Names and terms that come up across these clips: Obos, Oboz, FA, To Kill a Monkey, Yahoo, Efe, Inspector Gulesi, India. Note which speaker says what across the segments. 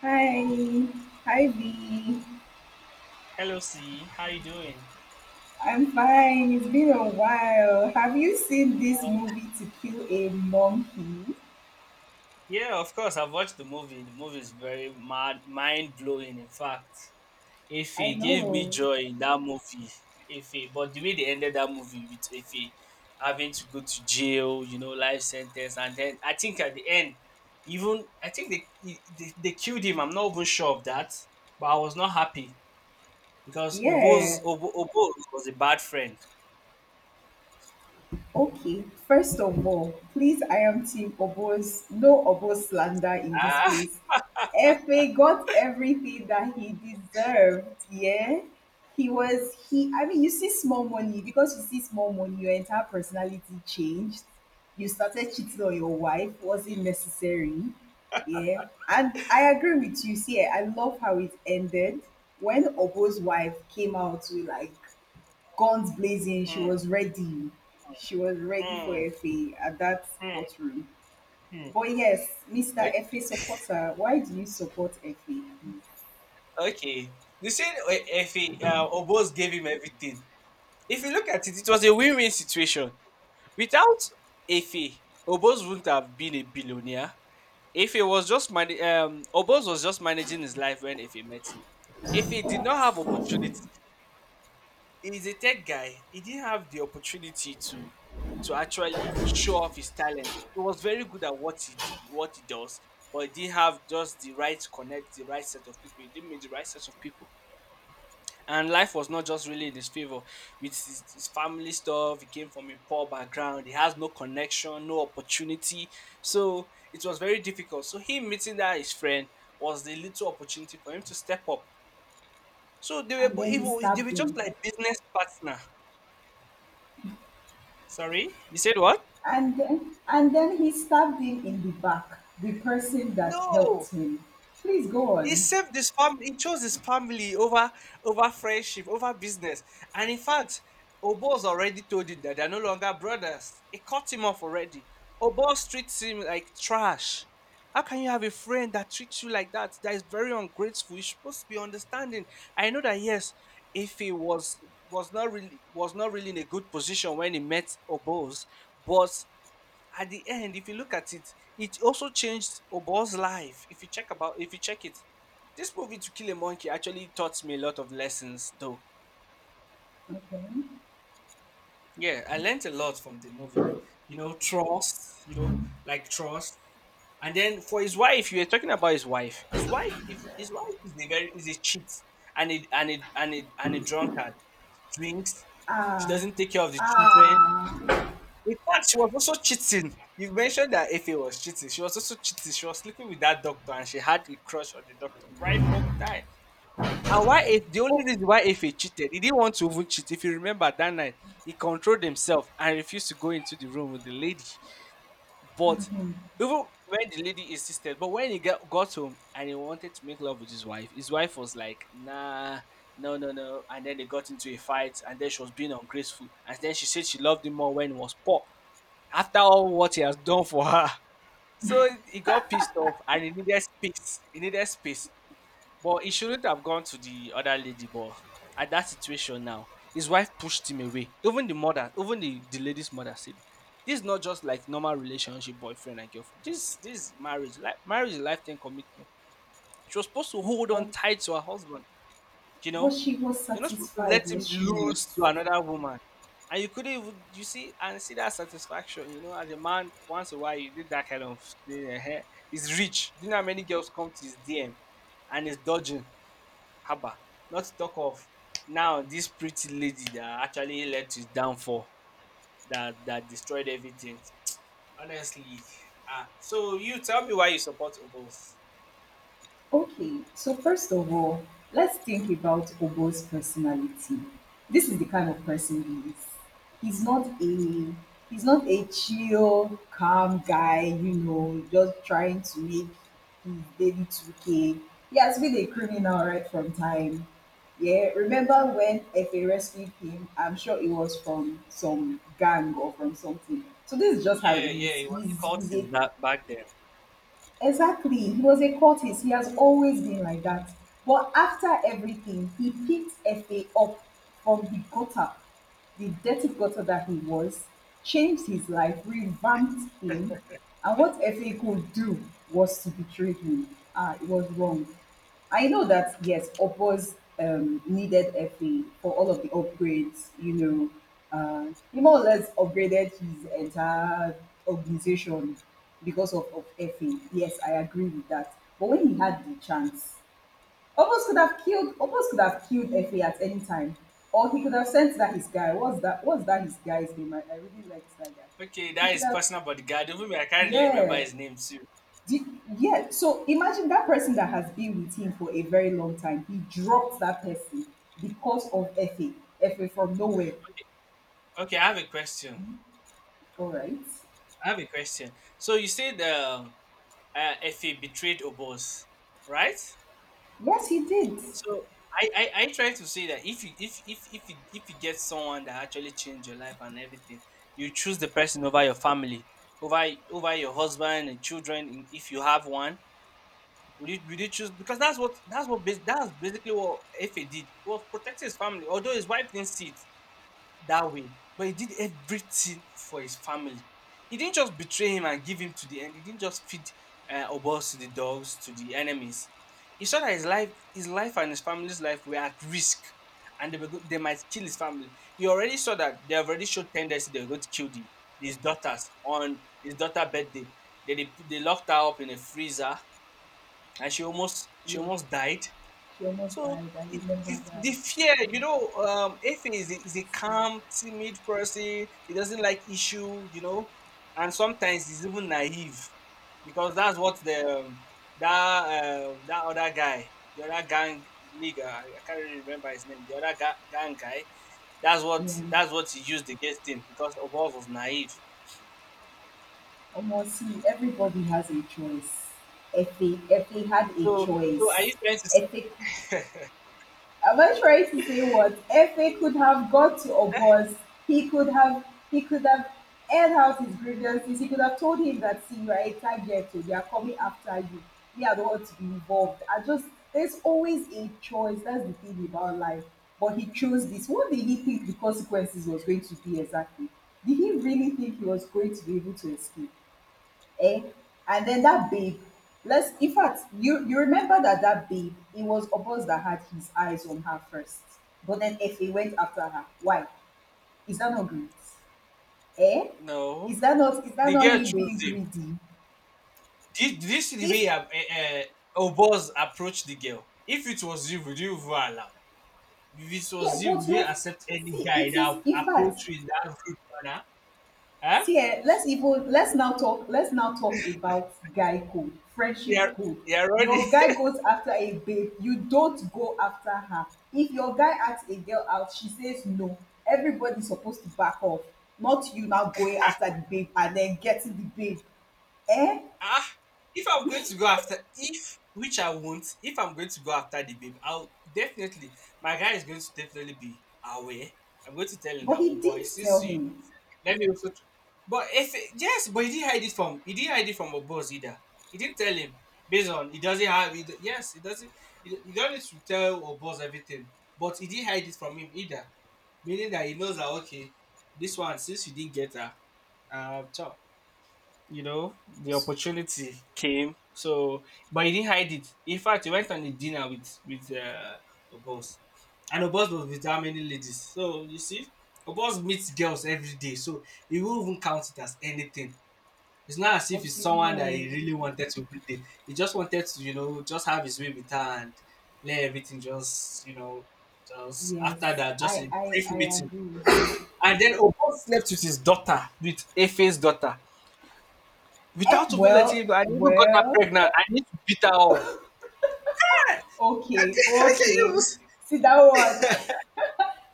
Speaker 1: Hi. Hi, V.
Speaker 2: Hello, C. How you doing?
Speaker 1: I'm fine. It's been a while. Have you seen this movie To Kill a Monkey?
Speaker 2: Yeah, of course. I've watched the movie. The movie is very mad, mind blowing. In fact, if
Speaker 1: I
Speaker 2: he gave me
Speaker 1: know.
Speaker 2: joy in that movie, if he, but the way they ended that movie with if he having to go to jail, you know, life sentence, and then I think at the end, even I think they killed him. I'm not even sure of that, but I was not happy because
Speaker 1: Yeah,
Speaker 2: Oboz was a bad friend.
Speaker 1: okay, first of all, please I am team Obos, no Obos slander in this
Speaker 2: Ah.
Speaker 1: place. Efe got everything that he deserved, yeah. He was he I mean you see small money because you see small money, your entire personality changed. You started cheating on your wife, wasn't necessary. Yeah. And I agree with you. See, I love how it ended when Obo's wife came out to like guns blazing. She
Speaker 2: Hmm,
Speaker 1: was ready. She was ready for
Speaker 2: hmm,
Speaker 1: FA at that
Speaker 2: hmm,
Speaker 1: courtroom.
Speaker 2: hmm.
Speaker 1: But yes, Mr. FA supporter, why do you support FA?
Speaker 2: Okay. You said if he, Obos gave him everything. If you look at it, it was a win-win situation. Without Efe, Obos wouldn't have been a billionaire. Efe was just man- Obos was just managing his life when Efe met him. Efe did not have opportunity. He's a tech guy. He didn't have the opportunity to actually show off his talent. He was very good at what he did, what he does, but he didn't have just the right connect, the right set of people. He didn't meet the right set of people. And life was not just really in his favor with his family stuff. He came from a poor background. He has no connection, no opportunity, so it was very difficult. So him meeting that his friend was the little opportunity for him to step up. So
Speaker 1: And then he
Speaker 2: they
Speaker 1: stabbed
Speaker 2: were just
Speaker 1: him.
Speaker 2: like business partner. Sorry, you said what?
Speaker 1: And then he stabbed him in the back, the person that
Speaker 2: No,
Speaker 1: helped him. Please go
Speaker 2: he
Speaker 1: on.
Speaker 2: saved his family. He chose his family over over friendship, over business. And in fact, Oboz already told him that they're no longer brothers. He cut him off already. Oboz treats him like trash. How can you have a friend that treats you like that? That is very ungrateful. You're supposed to be understanding. I know that yes, if he was not really in a good position when he met Oboz, but at the end, if you look at it, it also changed Obo's life. If you check it, this movie to kill a monkey actually taught me a lot of lessons. Though, yeah, I learned a lot from the movie. You know, trust. You know, like trust. And then for his wife, you were talking about his wife. His wife, if his wife is a very is a cheat and a drunkard. Drinks. She
Speaker 1: Ah,
Speaker 2: doesn't take care of the children.
Speaker 1: ah.
Speaker 2: In fact, she was also cheating. You mentioned that Efe was cheating. She was also cheating. She was sleeping with that doctor and she had a crush on the doctor right from time. And why if the only
Speaker 1: Oh,
Speaker 2: reason why Efe cheated, he didn't want to even cheat. If you remember that night, he controlled himself and refused to go into the room with the lady. But even when the lady insisted, but when he got home and he wanted to make love with his wife was like, nah, no, no, no. And then they got into a fight and then she was being ungrateful. And then she said she loved him more when he was poor after all what he has done for her. So he got pissed off and he needed space. He needed space. But he shouldn't have gone to the other lady. But at that situation now, his wife pushed him away. Even the mother, even the lady's mother said, this is not just like normal relationship, boyfriend and girlfriend. This is marriage. Like marriage is a lifetime commitment. She was supposed to hold
Speaker 1: but,
Speaker 2: on tight to her husband. You
Speaker 1: but
Speaker 2: know,
Speaker 1: she was
Speaker 2: you're not supposed to let
Speaker 1: satisfied,
Speaker 2: him
Speaker 1: was she not?
Speaker 2: lose to another woman. And you couldn't even, you see, and see that satisfaction, you know, as a man, once in a while, you did that kind of thing. He's rich. Do you know how many girls come to his DM and he's dodging? Haba. Not to talk of now this pretty lady that actually led to his downfall, that destroyed everything. Honestly. Ah, so you tell me why you support Obos.
Speaker 1: Okay, so first of all, let's think about Obo's personality. This is the kind of person he is. He's not a he's not a chill, calm guy, you know, just trying to make his daily 2K. He has been a criminal right from time. Yeah, remember when Efe rescued him? I'm sure it was from some gang or from something. So this is just how
Speaker 2: Yeah,
Speaker 1: he
Speaker 2: yeah,
Speaker 1: is.
Speaker 2: it was
Speaker 1: He's
Speaker 2: the cultist
Speaker 1: a.
Speaker 2: that back then.
Speaker 1: Exactly. He was a courteous. He has always been like that. But after everything, he picked FA up from the gutter, the dirty gutter that he was, changed his life, revamped him. And what FA could do was to betray him. Ah, it was wrong. I know that yes, Oppo's needed FA for all of the upgrades. He more or less upgraded his entire organization because of FA. Yes, I agree with that. But when he had the chance, Oppos could have killed. Oppos could have killed FA at any time, or he could have sent that his guy. What's that? His guy's name? I really like that guy.
Speaker 2: Okay,
Speaker 1: He
Speaker 2: that
Speaker 1: could
Speaker 2: is
Speaker 1: have.
Speaker 2: personal bodyguard. Even me, I can't really remember
Speaker 1: Yeah,
Speaker 2: his name too.
Speaker 1: yeah, so imagine that person that has been with him for a very long time. He dropped that person because of Effie. Effie from nowhere.
Speaker 2: Okay, I have a question.
Speaker 1: All right.
Speaker 2: I have a question. So you said uh, FA betrayed Obos, right?
Speaker 1: Yes, he did.
Speaker 2: So I try to say that if you get someone that actually changed your life and everything, you choose the person over your family, over over your husband and children, in- if you have one. Would you choose? Because that's basically what FA did. He was protecting his family, although his wife didn't see it that way. But he did everything for his family. He didn't just betray him and give him to the end. He didn't just feed Obos to the dogs, to the enemies. He saw that his life and his family's life were at risk, and they might kill his family. He already saw that they have already showed tendency they were going to kill his daughters on his daughter birthday. They locked her up in a freezer, and she
Speaker 1: Yeah.
Speaker 2: almost died.
Speaker 1: She almost
Speaker 2: So
Speaker 1: died. I remember that.
Speaker 2: the fear, you know, Efe is a
Speaker 1: See.
Speaker 2: calm, timid person. He doesn't like issue, you know, and sometimes he's even naive because that's what the that that other guy, the other gang nigga, I can't really remember his name, the other gang guy.
Speaker 1: Yeah.
Speaker 2: That's what he used against him because Obos was naive.
Speaker 1: Almost see, everybody has a choice. Effie had a
Speaker 2: So are
Speaker 1: choice.
Speaker 2: you trying to
Speaker 1: Effie Am I trying to say what? FA could have got to Obos. He could have he could have aired out his grievances. He could have told him that see you are a target, so they are coming after you. We are the ones to be involved. I just There's always a choice. That's the thing about life. But he chose this. What did he think the consequences was going to be exactly? Did he really think he was going to be able to escape? Eh? And then that babe, let's in fact, you remember that babe, it was Obos that had his eyes on her first, but then Efe went after her. Why? Is that not greed? Eh?
Speaker 2: no?
Speaker 1: Is that not is that
Speaker 2: The
Speaker 1: not
Speaker 2: girl
Speaker 1: him
Speaker 2: chose
Speaker 1: being
Speaker 2: him.
Speaker 1: greedy?
Speaker 2: Did you see the way
Speaker 1: If
Speaker 2: Obos approached the girl? If it was you, would you even allow? If it was
Speaker 1: Yeah,
Speaker 2: you, would
Speaker 1: but
Speaker 2: you
Speaker 1: you
Speaker 2: accept any
Speaker 1: see,
Speaker 2: guy
Speaker 1: it is
Speaker 2: that
Speaker 1: in fact.
Speaker 2: approach you in that rude manner? Huh?
Speaker 1: See, let's now talk about guy code, friendship
Speaker 2: You're,
Speaker 1: code.
Speaker 2: you're already.
Speaker 1: Your guy goes after a babe, you don't go after her. If your guy asks a girl out, she says no. Everybody's supposed to back off. Not you now going after the babe and then getting the babe. Eh?
Speaker 2: Ah, if I'm going to go after, if which I won't, if I'm going to go after the babe, I'll definitely. My guy is going to definitely be aware. I'm going to tell him
Speaker 1: But
Speaker 2: that, oh
Speaker 1: he
Speaker 2: boy,
Speaker 1: didn't
Speaker 2: since
Speaker 1: tell
Speaker 2: you
Speaker 1: him.
Speaker 2: let me also. But if yes, but he didn't hide it from Obos either. He didn't tell him based on he doesn't he don't need to tell Obos everything, but he didn't hide it from him either, meaning that he knows that okay, this one since you didn't get her, chop, you know, the opportunity came. So, but he didn't hide it. In fact, he went on a dinner with Obos, and Obos was with how many ladies? So you see, Obos meets girls every day, so he won't even count it as anything. It's not as if it's
Speaker 1: But
Speaker 2: someone that he really wanted to meet. It. He just wanted to, you know, just have his way with her and let everything just, you know, just
Speaker 1: yes,
Speaker 2: after that, just
Speaker 1: I
Speaker 2: a
Speaker 1: I
Speaker 2: brief
Speaker 1: I
Speaker 2: meeting.
Speaker 1: agree.
Speaker 2: And then Obos slept with his daughter, with Efe's daughter.
Speaker 1: Eh,
Speaker 2: Without even letting,
Speaker 1: well,
Speaker 2: I even got her
Speaker 1: well,
Speaker 2: pregnant. I need to beat her up.
Speaker 1: okay,
Speaker 2: I said, you
Speaker 1: okay. See that one.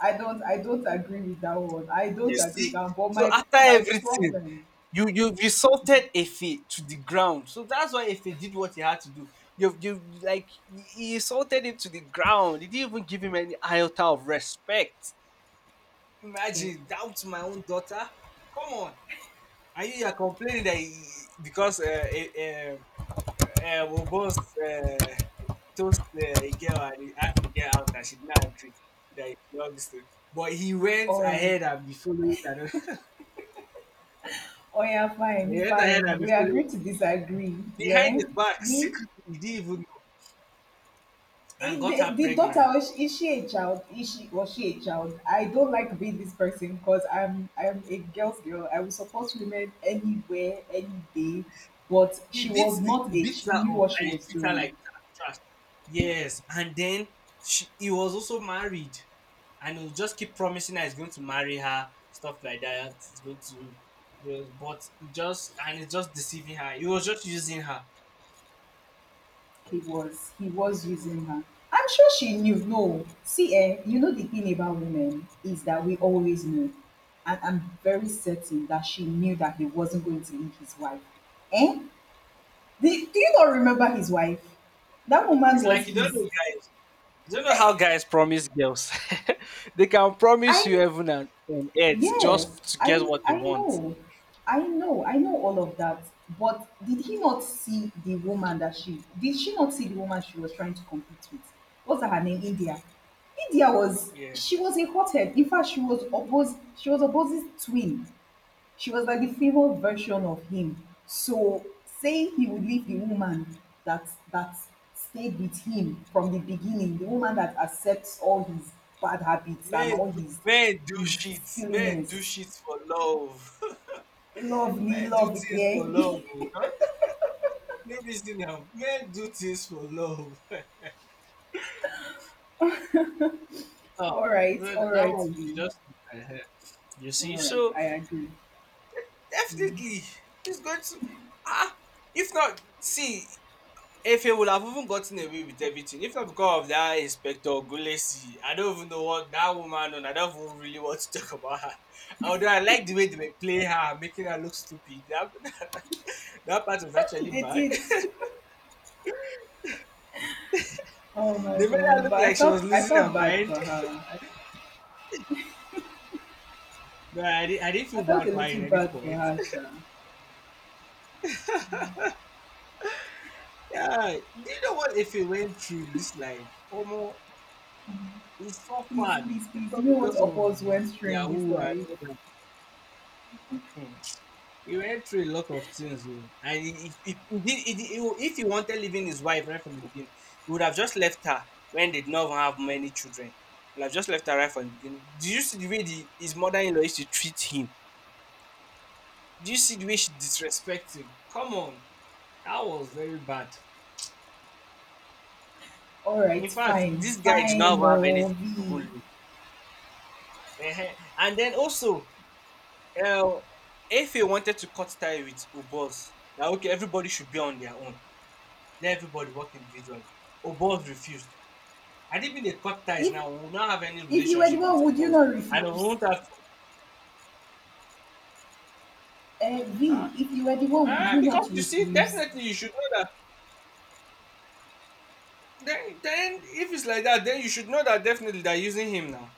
Speaker 1: I don't agree with that one. I
Speaker 2: you
Speaker 1: don't agree with
Speaker 2: see,
Speaker 1: that one. But
Speaker 2: so
Speaker 1: my
Speaker 2: after
Speaker 1: my
Speaker 2: everything,
Speaker 1: problem.
Speaker 2: you resulted Efe to the ground. So that's why Efe did what he had to do. You like he insulted him to the ground. He didn't even give him any iota of respect. Imagine down to my own daughter. Come on, and you are complaining that he, because uh, we both uh, toast a girl and he asked the girl out and she did not agree that he should not to. But he went
Speaker 1: All right.
Speaker 2: ahead and be following and
Speaker 1: Oh yeah, fine,
Speaker 2: he went ahead and
Speaker 1: fine.
Speaker 2: be
Speaker 1: We
Speaker 2: following
Speaker 1: agree to disagree.
Speaker 2: behind
Speaker 1: Yeah.
Speaker 2: his back
Speaker 1: Me
Speaker 2: secretly. He didn't even know and got
Speaker 1: the,
Speaker 2: her
Speaker 1: the daughter
Speaker 2: pregnant.
Speaker 1: is she a child? Is she Was she a child? I don't like being this person because I'm a girl's girl. I will support women anywhere, any day. But she was
Speaker 2: He
Speaker 1: not it.
Speaker 2: beats
Speaker 1: She
Speaker 2: her up
Speaker 1: knew what she
Speaker 2: and he
Speaker 1: was
Speaker 2: treats her
Speaker 1: doing.
Speaker 2: like trash. Yes, and then she, he was also married, and he'll just keep promising her he's going to marry her, stuff like that. He's going to, yes, but he just and he's just deceiving her. He was just using her.
Speaker 1: He was using her. I'm sure she knew. No, see, the thing about women is that we always know, and I'm very certain that she knew that he wasn't going to leave his wife. Eh? Do you not remember his wife? That woman
Speaker 2: It's like
Speaker 1: was
Speaker 2: you don't
Speaker 1: his.
Speaker 2: know, guys. You don't know how guys promise girls. They can promise you
Speaker 1: I
Speaker 2: heaven and on earth
Speaker 1: Yeah,
Speaker 2: just to get
Speaker 1: I
Speaker 2: what they
Speaker 1: I
Speaker 2: want.
Speaker 1: know. I know. I know all of that. But did he not see the woman that she did she not see the woman she was trying to compete with? What's her name? India. India was
Speaker 2: Yeah,
Speaker 1: she was a hothead. In fact, she was opposite twin. She was like the favored version of him. So saying he would leave the woman that that stayed with him from the beginning, the woman that accepts all his bad habits and all his
Speaker 2: men do
Speaker 1: his
Speaker 2: shit. Men do
Speaker 1: silliness.
Speaker 2: shit for love.
Speaker 1: Love me,
Speaker 2: Men do
Speaker 1: love
Speaker 2: things for
Speaker 1: again.
Speaker 2: love. Oh. That- no reason now. Men do things for love. So that
Speaker 1: All
Speaker 2: that
Speaker 1: right,
Speaker 2: one you should
Speaker 1: V.
Speaker 2: just uh-huh. You see.
Speaker 1: All right,
Speaker 2: So
Speaker 1: I agree.
Speaker 2: definitely he's going to ah if not see if he would have even gotten away with everything, if not because of that inspector Gulesi, I don't even know what that woman on. I don't even really want to talk about her. Although I like the way they were playing her, making her look stupid. That part was actually
Speaker 1: They
Speaker 2: bad.
Speaker 1: did. Oh my
Speaker 2: They made her
Speaker 1: god!
Speaker 2: look
Speaker 1: But I
Speaker 2: like she
Speaker 1: felt
Speaker 2: was
Speaker 1: I
Speaker 2: losing her
Speaker 1: felt bad
Speaker 2: mind.
Speaker 1: for her.
Speaker 2: No, I, didn't. I didn't
Speaker 1: I
Speaker 2: feel
Speaker 1: felt
Speaker 2: bad
Speaker 1: a
Speaker 2: for her in
Speaker 1: little
Speaker 2: any
Speaker 1: bad for
Speaker 2: point.
Speaker 1: her, Sha.
Speaker 2: Yeah, do you know what if you went through in this life? Omo, it's so
Speaker 1: Please,
Speaker 2: far.
Speaker 1: please,
Speaker 2: If
Speaker 1: please.
Speaker 2: not
Speaker 1: You know what
Speaker 2: because of
Speaker 1: Obos went through in this
Speaker 2: Yahoo and
Speaker 1: life.
Speaker 2: all that. Hmm. He went through a lot of things, though. And he, did- he, did- he wa- if he wanted leaving his wife right from the beginning, he would have just left her when they did not even have many children. He would have just left her right from the beginning. Do you see the way his mother in law used to treat him? Do you see the way she disrespects him? Come on. That was very bad.
Speaker 1: Alright,
Speaker 2: In fact,
Speaker 1: fine,
Speaker 2: this guy did not
Speaker 1: fine,
Speaker 2: have
Speaker 1: oh
Speaker 2: anything to
Speaker 1: V.
Speaker 2: even lose. Ehen. And then also, uh, FA wanted to cut tie with Obos. Now, okay, everybody should be on their own. Let everybody work individually. Obos refused. And even they cut ties
Speaker 1: If
Speaker 2: now, we will not have any
Speaker 1: if you were the
Speaker 2: relationship with
Speaker 1: one, would you
Speaker 2: Obos.
Speaker 1: not
Speaker 2: And we
Speaker 1: refuse?
Speaker 2: won't have to.
Speaker 1: Uh,
Speaker 2: Ah,
Speaker 1: v, if you were the one, would
Speaker 2: ah,
Speaker 1: you
Speaker 2: because
Speaker 1: not
Speaker 2: you see,
Speaker 1: refuse?
Speaker 2: definitely you should know that. Then if it's like that, then you should know that definitely they're using him now.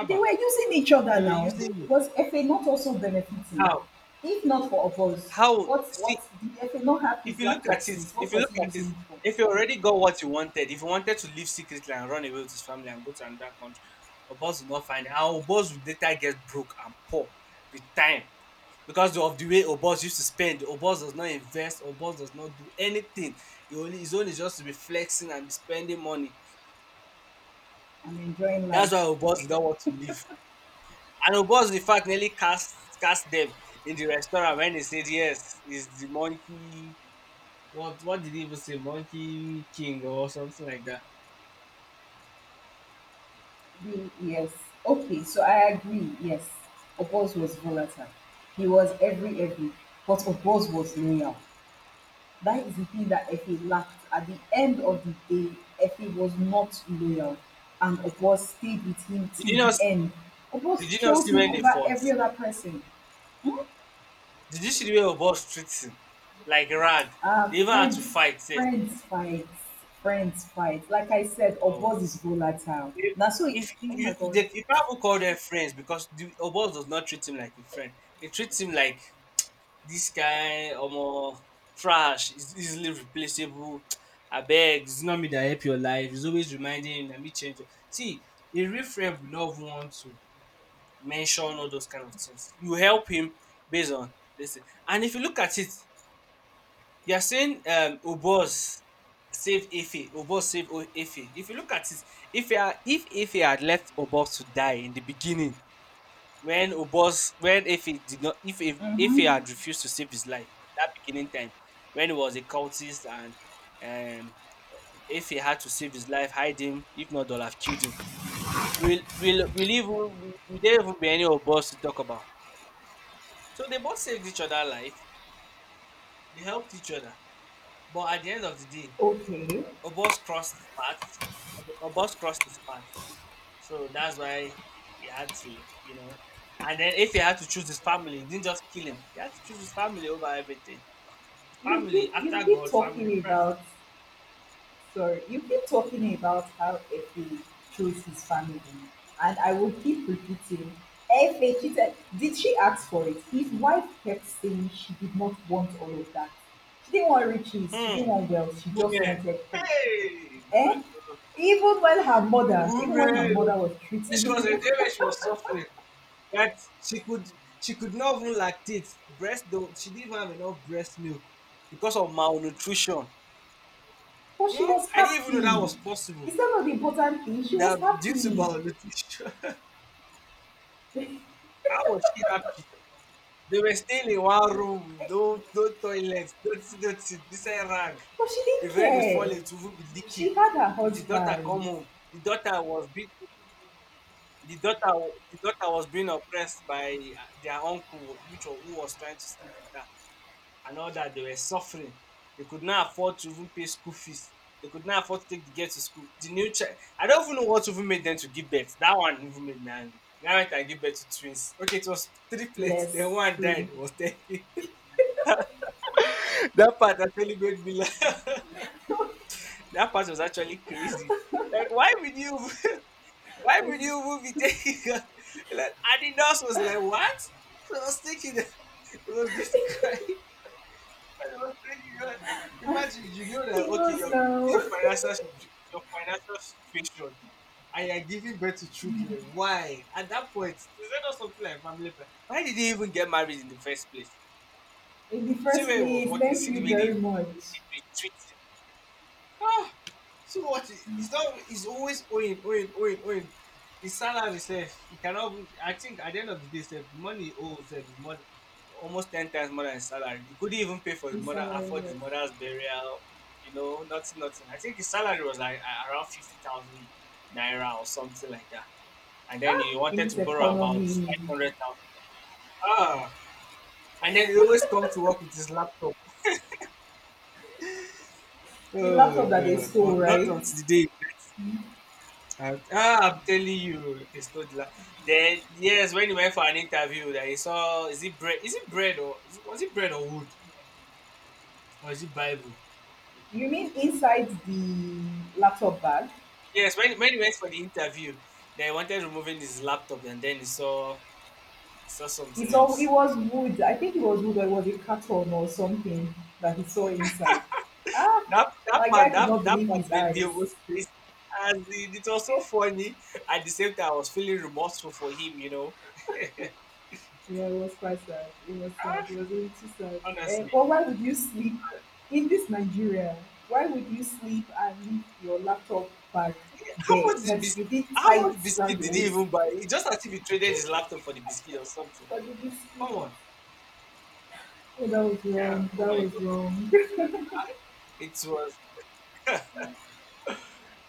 Speaker 1: They were using each
Speaker 2: They
Speaker 1: other
Speaker 2: were
Speaker 1: now.
Speaker 2: using him.
Speaker 1: Was FA not also benefiting?
Speaker 2: How?
Speaker 1: If not for Oboz,
Speaker 2: How?
Speaker 1: what
Speaker 2: See,
Speaker 1: did FA not have
Speaker 2: if
Speaker 1: his
Speaker 2: you look
Speaker 1: laptop
Speaker 2: at it,
Speaker 1: since?
Speaker 2: if
Speaker 1: What
Speaker 2: you
Speaker 1: was
Speaker 2: look
Speaker 1: he
Speaker 2: at it,
Speaker 1: using it for?
Speaker 2: if you already got what you wanted, if you wanted to live secretly and run away with his family and go to another country, Obos will not find it. And Obos will later get broke and poor with time because of the way Obos used to spend. Obos does not invest, Obos does not do anything. He only, his own is just to be flexing and be spending money.
Speaker 1: And enjoying
Speaker 2: That's
Speaker 1: life.
Speaker 2: why Obos did not want to live. And Obos, in fact, nearly cast them in the restaurant when they said, Yes, is the monkey What did he even say? Monkey King or something like that.
Speaker 1: V, yes. Okay, so I agree, yes. Oboz was volatile. He was every, But Oboz was loyal. That is the thing that Efe lacked. At the end of the day, Efe was not loyal, and Obos stayed with him
Speaker 2: Did
Speaker 1: till
Speaker 2: you
Speaker 1: the
Speaker 2: not
Speaker 1: end.
Speaker 2: did
Speaker 1: Obos
Speaker 2: you not
Speaker 1: chose
Speaker 2: see
Speaker 1: him
Speaker 2: when they
Speaker 1: over
Speaker 2: fought?
Speaker 1: every other person. Hmm?
Speaker 2: Did you see the way boss treats him? Like rag.
Speaker 1: Uh,
Speaker 2: They even had to
Speaker 1: friends,
Speaker 2: fight. Say,
Speaker 1: friends fights, Friends fights. Like I said,
Speaker 2: oh,
Speaker 1: Obos is volatile.
Speaker 2: if,
Speaker 1: Now, so,
Speaker 2: if
Speaker 1: oh my
Speaker 2: you
Speaker 1: God.
Speaker 2: they, you can't even call them friends because the Obos does not treat him like a friend. He treats him like this guy almost trash, is easily replaceable. I beg, it's not me that help your life. He's always reminding him that me change. Your-" See, a real friend will not want to mention all those kind of things. You help him based on this thing. And if you look at it, you are saying Obos save Ife, Obos save Ife. If you look at it, if Ife had left Obos to die in the beginning, when Obos when Ife did not if if Ife
Speaker 1: Mm-hmm.
Speaker 2: had refused to save his life that beginning time when he was a cultist and um if had to save his life, hide him. If not, they'll have killed him. Will there even be any Obos to talk about? So they both saved each other life. They helped each other. But at the end of the day,
Speaker 1: Okay.
Speaker 2: Obos crossed paths. Obos crossed his path. So that's why he had to. And then if he had to choose his family, he didn't just kill him. He had to choose his family over everything. Family
Speaker 1: You
Speaker 2: after
Speaker 1: keep
Speaker 2: God, family
Speaker 1: talking
Speaker 2: first.
Speaker 1: about So you keep talking about how Efe chose his family, and I will keep repeating, Efe cheated. Did she ask for it? His wife kept saying she did not want all of that. She didn't want riches. She didn't
Speaker 2: Hmm.
Speaker 1: want wealth. She just
Speaker 2: Woman,
Speaker 1: wanted peace.
Speaker 2: hey, God.
Speaker 1: Eh?
Speaker 2: Oh,
Speaker 1: Even when her mother, even when her
Speaker 2: women.
Speaker 1: mother was
Speaker 2: She
Speaker 1: treating
Speaker 2: was a
Speaker 1: him,
Speaker 2: day when she was suffering. That she could she could not even lactate breast though she didn't even have enough breast milk because of malnutrition.
Speaker 1: but she
Speaker 2: Hmm?
Speaker 1: was
Speaker 2: I didn't even know that
Speaker 1: happy.
Speaker 2: was possible.
Speaker 1: Is that not the important thing? She
Speaker 2: That
Speaker 1: was
Speaker 2: due to
Speaker 1: happy,
Speaker 2: malnutrition. How was she happy? They were staying in one room, no toilet, not see, don't see, this a rag.
Speaker 1: but she didn't
Speaker 2: If rain is
Speaker 1: care.
Speaker 2: falling, it will be leaking.
Speaker 1: She had her
Speaker 2: If the daughter come
Speaker 1: husband.
Speaker 2: home, the daughter was being oppressed by their uncle, who was trying to sleep with her. And all that, they were suffering. They could not afford to even pay school fees. They could not afford to take the girl to school. The new child, I don't even know what even made them to give birth. That one even made me angry. Now I can give birth to twins. Okay, it was triplets.
Speaker 1: Yes,
Speaker 2: Then one
Speaker 1: true.
Speaker 2: died. It was taking. That part actually made me laugh. That part was actually crazy. Like, why would you? Why would you even be taking? Like, Adidas was like, what? So I was thinking, it was going to cry. I was thinking, God, imagine you know that
Speaker 1: He
Speaker 2: okay,
Speaker 1: knows now.
Speaker 2: your financial situation, and you're giving birth to children. Why? At that point, is that not something like family plan? Why did they even get married in the first place?
Speaker 1: In the
Speaker 2: See
Speaker 1: first
Speaker 2: where he was
Speaker 1: place,
Speaker 2: working. See
Speaker 1: thank you
Speaker 2: the way they
Speaker 1: very
Speaker 2: they,
Speaker 1: much.
Speaker 2: they, they treat him. Ah, so what? It's not. It's always owing, owing, owing, owing. His salary self, he cannot. Even- I think at the end of the day, self, the money he owes self is more, almost 10 times more than his salary. He couldn't even pay for his
Speaker 1: It's
Speaker 2: mother, afford his
Speaker 1: hilarious.
Speaker 2: mother's burial. You know, nothing, nothing. I think his salary was like around 50,000 naira or something like that. And then he
Speaker 1: In
Speaker 2: wanted
Speaker 1: this
Speaker 2: to borrow about
Speaker 1: economy,
Speaker 2: 500,000. Ah, and then he always come to work with his laptop.
Speaker 1: the
Speaker 2: Oh
Speaker 1: laptop that they
Speaker 2: God!
Speaker 1: stole,
Speaker 2: Not
Speaker 1: right?
Speaker 2: until the day I'm telling you, this toddler. Then yes, when he went for an interview, that he saw is it bread? Is it bread was it bread or wood or is it Bible?
Speaker 1: You mean inside the laptop bag?
Speaker 2: Yes, when he went for the interview, they wanted removing his laptop, and then he saw something
Speaker 1: It
Speaker 2: else.
Speaker 1: was wood. I think it was wood or it was a carton or something that he saw inside. Ah,
Speaker 2: That that
Speaker 1: my guy
Speaker 2: part
Speaker 1: could
Speaker 2: that
Speaker 1: not
Speaker 2: that
Speaker 1: believe
Speaker 2: part
Speaker 1: his
Speaker 2: made me
Speaker 1: eyes.
Speaker 2: almost crazy. As in, it was so funny. At the same time, I was feeling remorseful for him. You know,
Speaker 1: Yeah, it was quite sad. It was sad. It was really too sad.
Speaker 2: honestly.
Speaker 1: But why would you sleep in this Nigeria? Why would you sleep and leave your laptop bag
Speaker 2: How
Speaker 1: there?
Speaker 2: much did
Speaker 1: Next,
Speaker 2: bis-
Speaker 1: you did
Speaker 2: how much
Speaker 1: tight
Speaker 2: biscuit
Speaker 1: round your
Speaker 2: did he
Speaker 1: waist.
Speaker 2: even buy? It's just as if he traded his laptop for the biscuit or something.
Speaker 1: Why did you sleep?
Speaker 2: Come on.
Speaker 1: Oh, that was
Speaker 2: Yeah.
Speaker 1: wrong.
Speaker 2: Oh
Speaker 1: That
Speaker 2: my
Speaker 1: was
Speaker 2: god.
Speaker 1: wrong.
Speaker 2: It was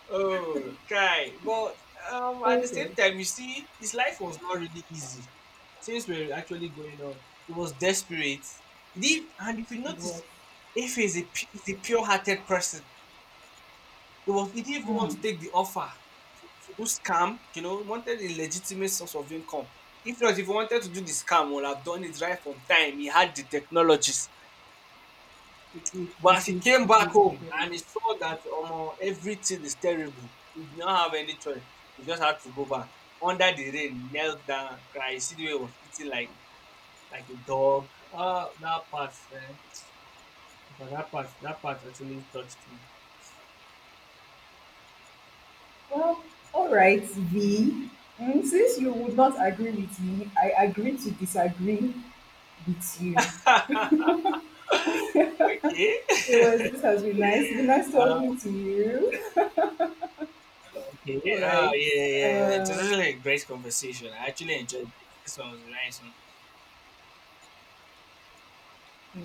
Speaker 2: oh guy. But at the same
Speaker 1: Okay,
Speaker 2: time you see his life was not really easy. Things were actually going on. He was desperate. He did and if you
Speaker 1: it was.
Speaker 2: notice, if he's a pure hearted person. It was he didn't even want
Speaker 1: Mm,
Speaker 2: to take the offer to do scam, wanted a legitimate source of income. If not, if he wanted to do the scam, would have done it right from time. He had the technologies.
Speaker 1: it did.
Speaker 2: But as
Speaker 1: It
Speaker 2: he
Speaker 1: did.
Speaker 2: came
Speaker 1: It
Speaker 2: back
Speaker 1: did.
Speaker 2: home
Speaker 1: Surely.
Speaker 2: and he saw that everything is terrible, he did not have any choice. He just had to go back. Under the rain, knelt down, cried. You see the way he was eating like a dog. Ah, that part, eh? For that part actually touched me.
Speaker 1: Well, all right, V. Mm, since you would not agree with me, I agree to disagree beats you.
Speaker 2: Okay.
Speaker 1: It was This has been nice. It's been nice talking to you.
Speaker 2: Okay.
Speaker 1: All
Speaker 2: Yeah, yeah,
Speaker 1: right.
Speaker 2: yeah. Yeah. It was really
Speaker 1: Um,
Speaker 2: a really great conversation. I actually enjoyed it. This one was a nice one.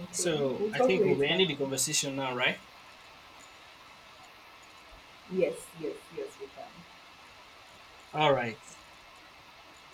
Speaker 1: okay.
Speaker 2: So
Speaker 1: We'll
Speaker 2: I
Speaker 1: talk
Speaker 2: think we'll
Speaker 1: later
Speaker 2: be ending the
Speaker 1: now.
Speaker 2: conversation now, right?
Speaker 1: Yes, yes, yes, we can.
Speaker 2: All right.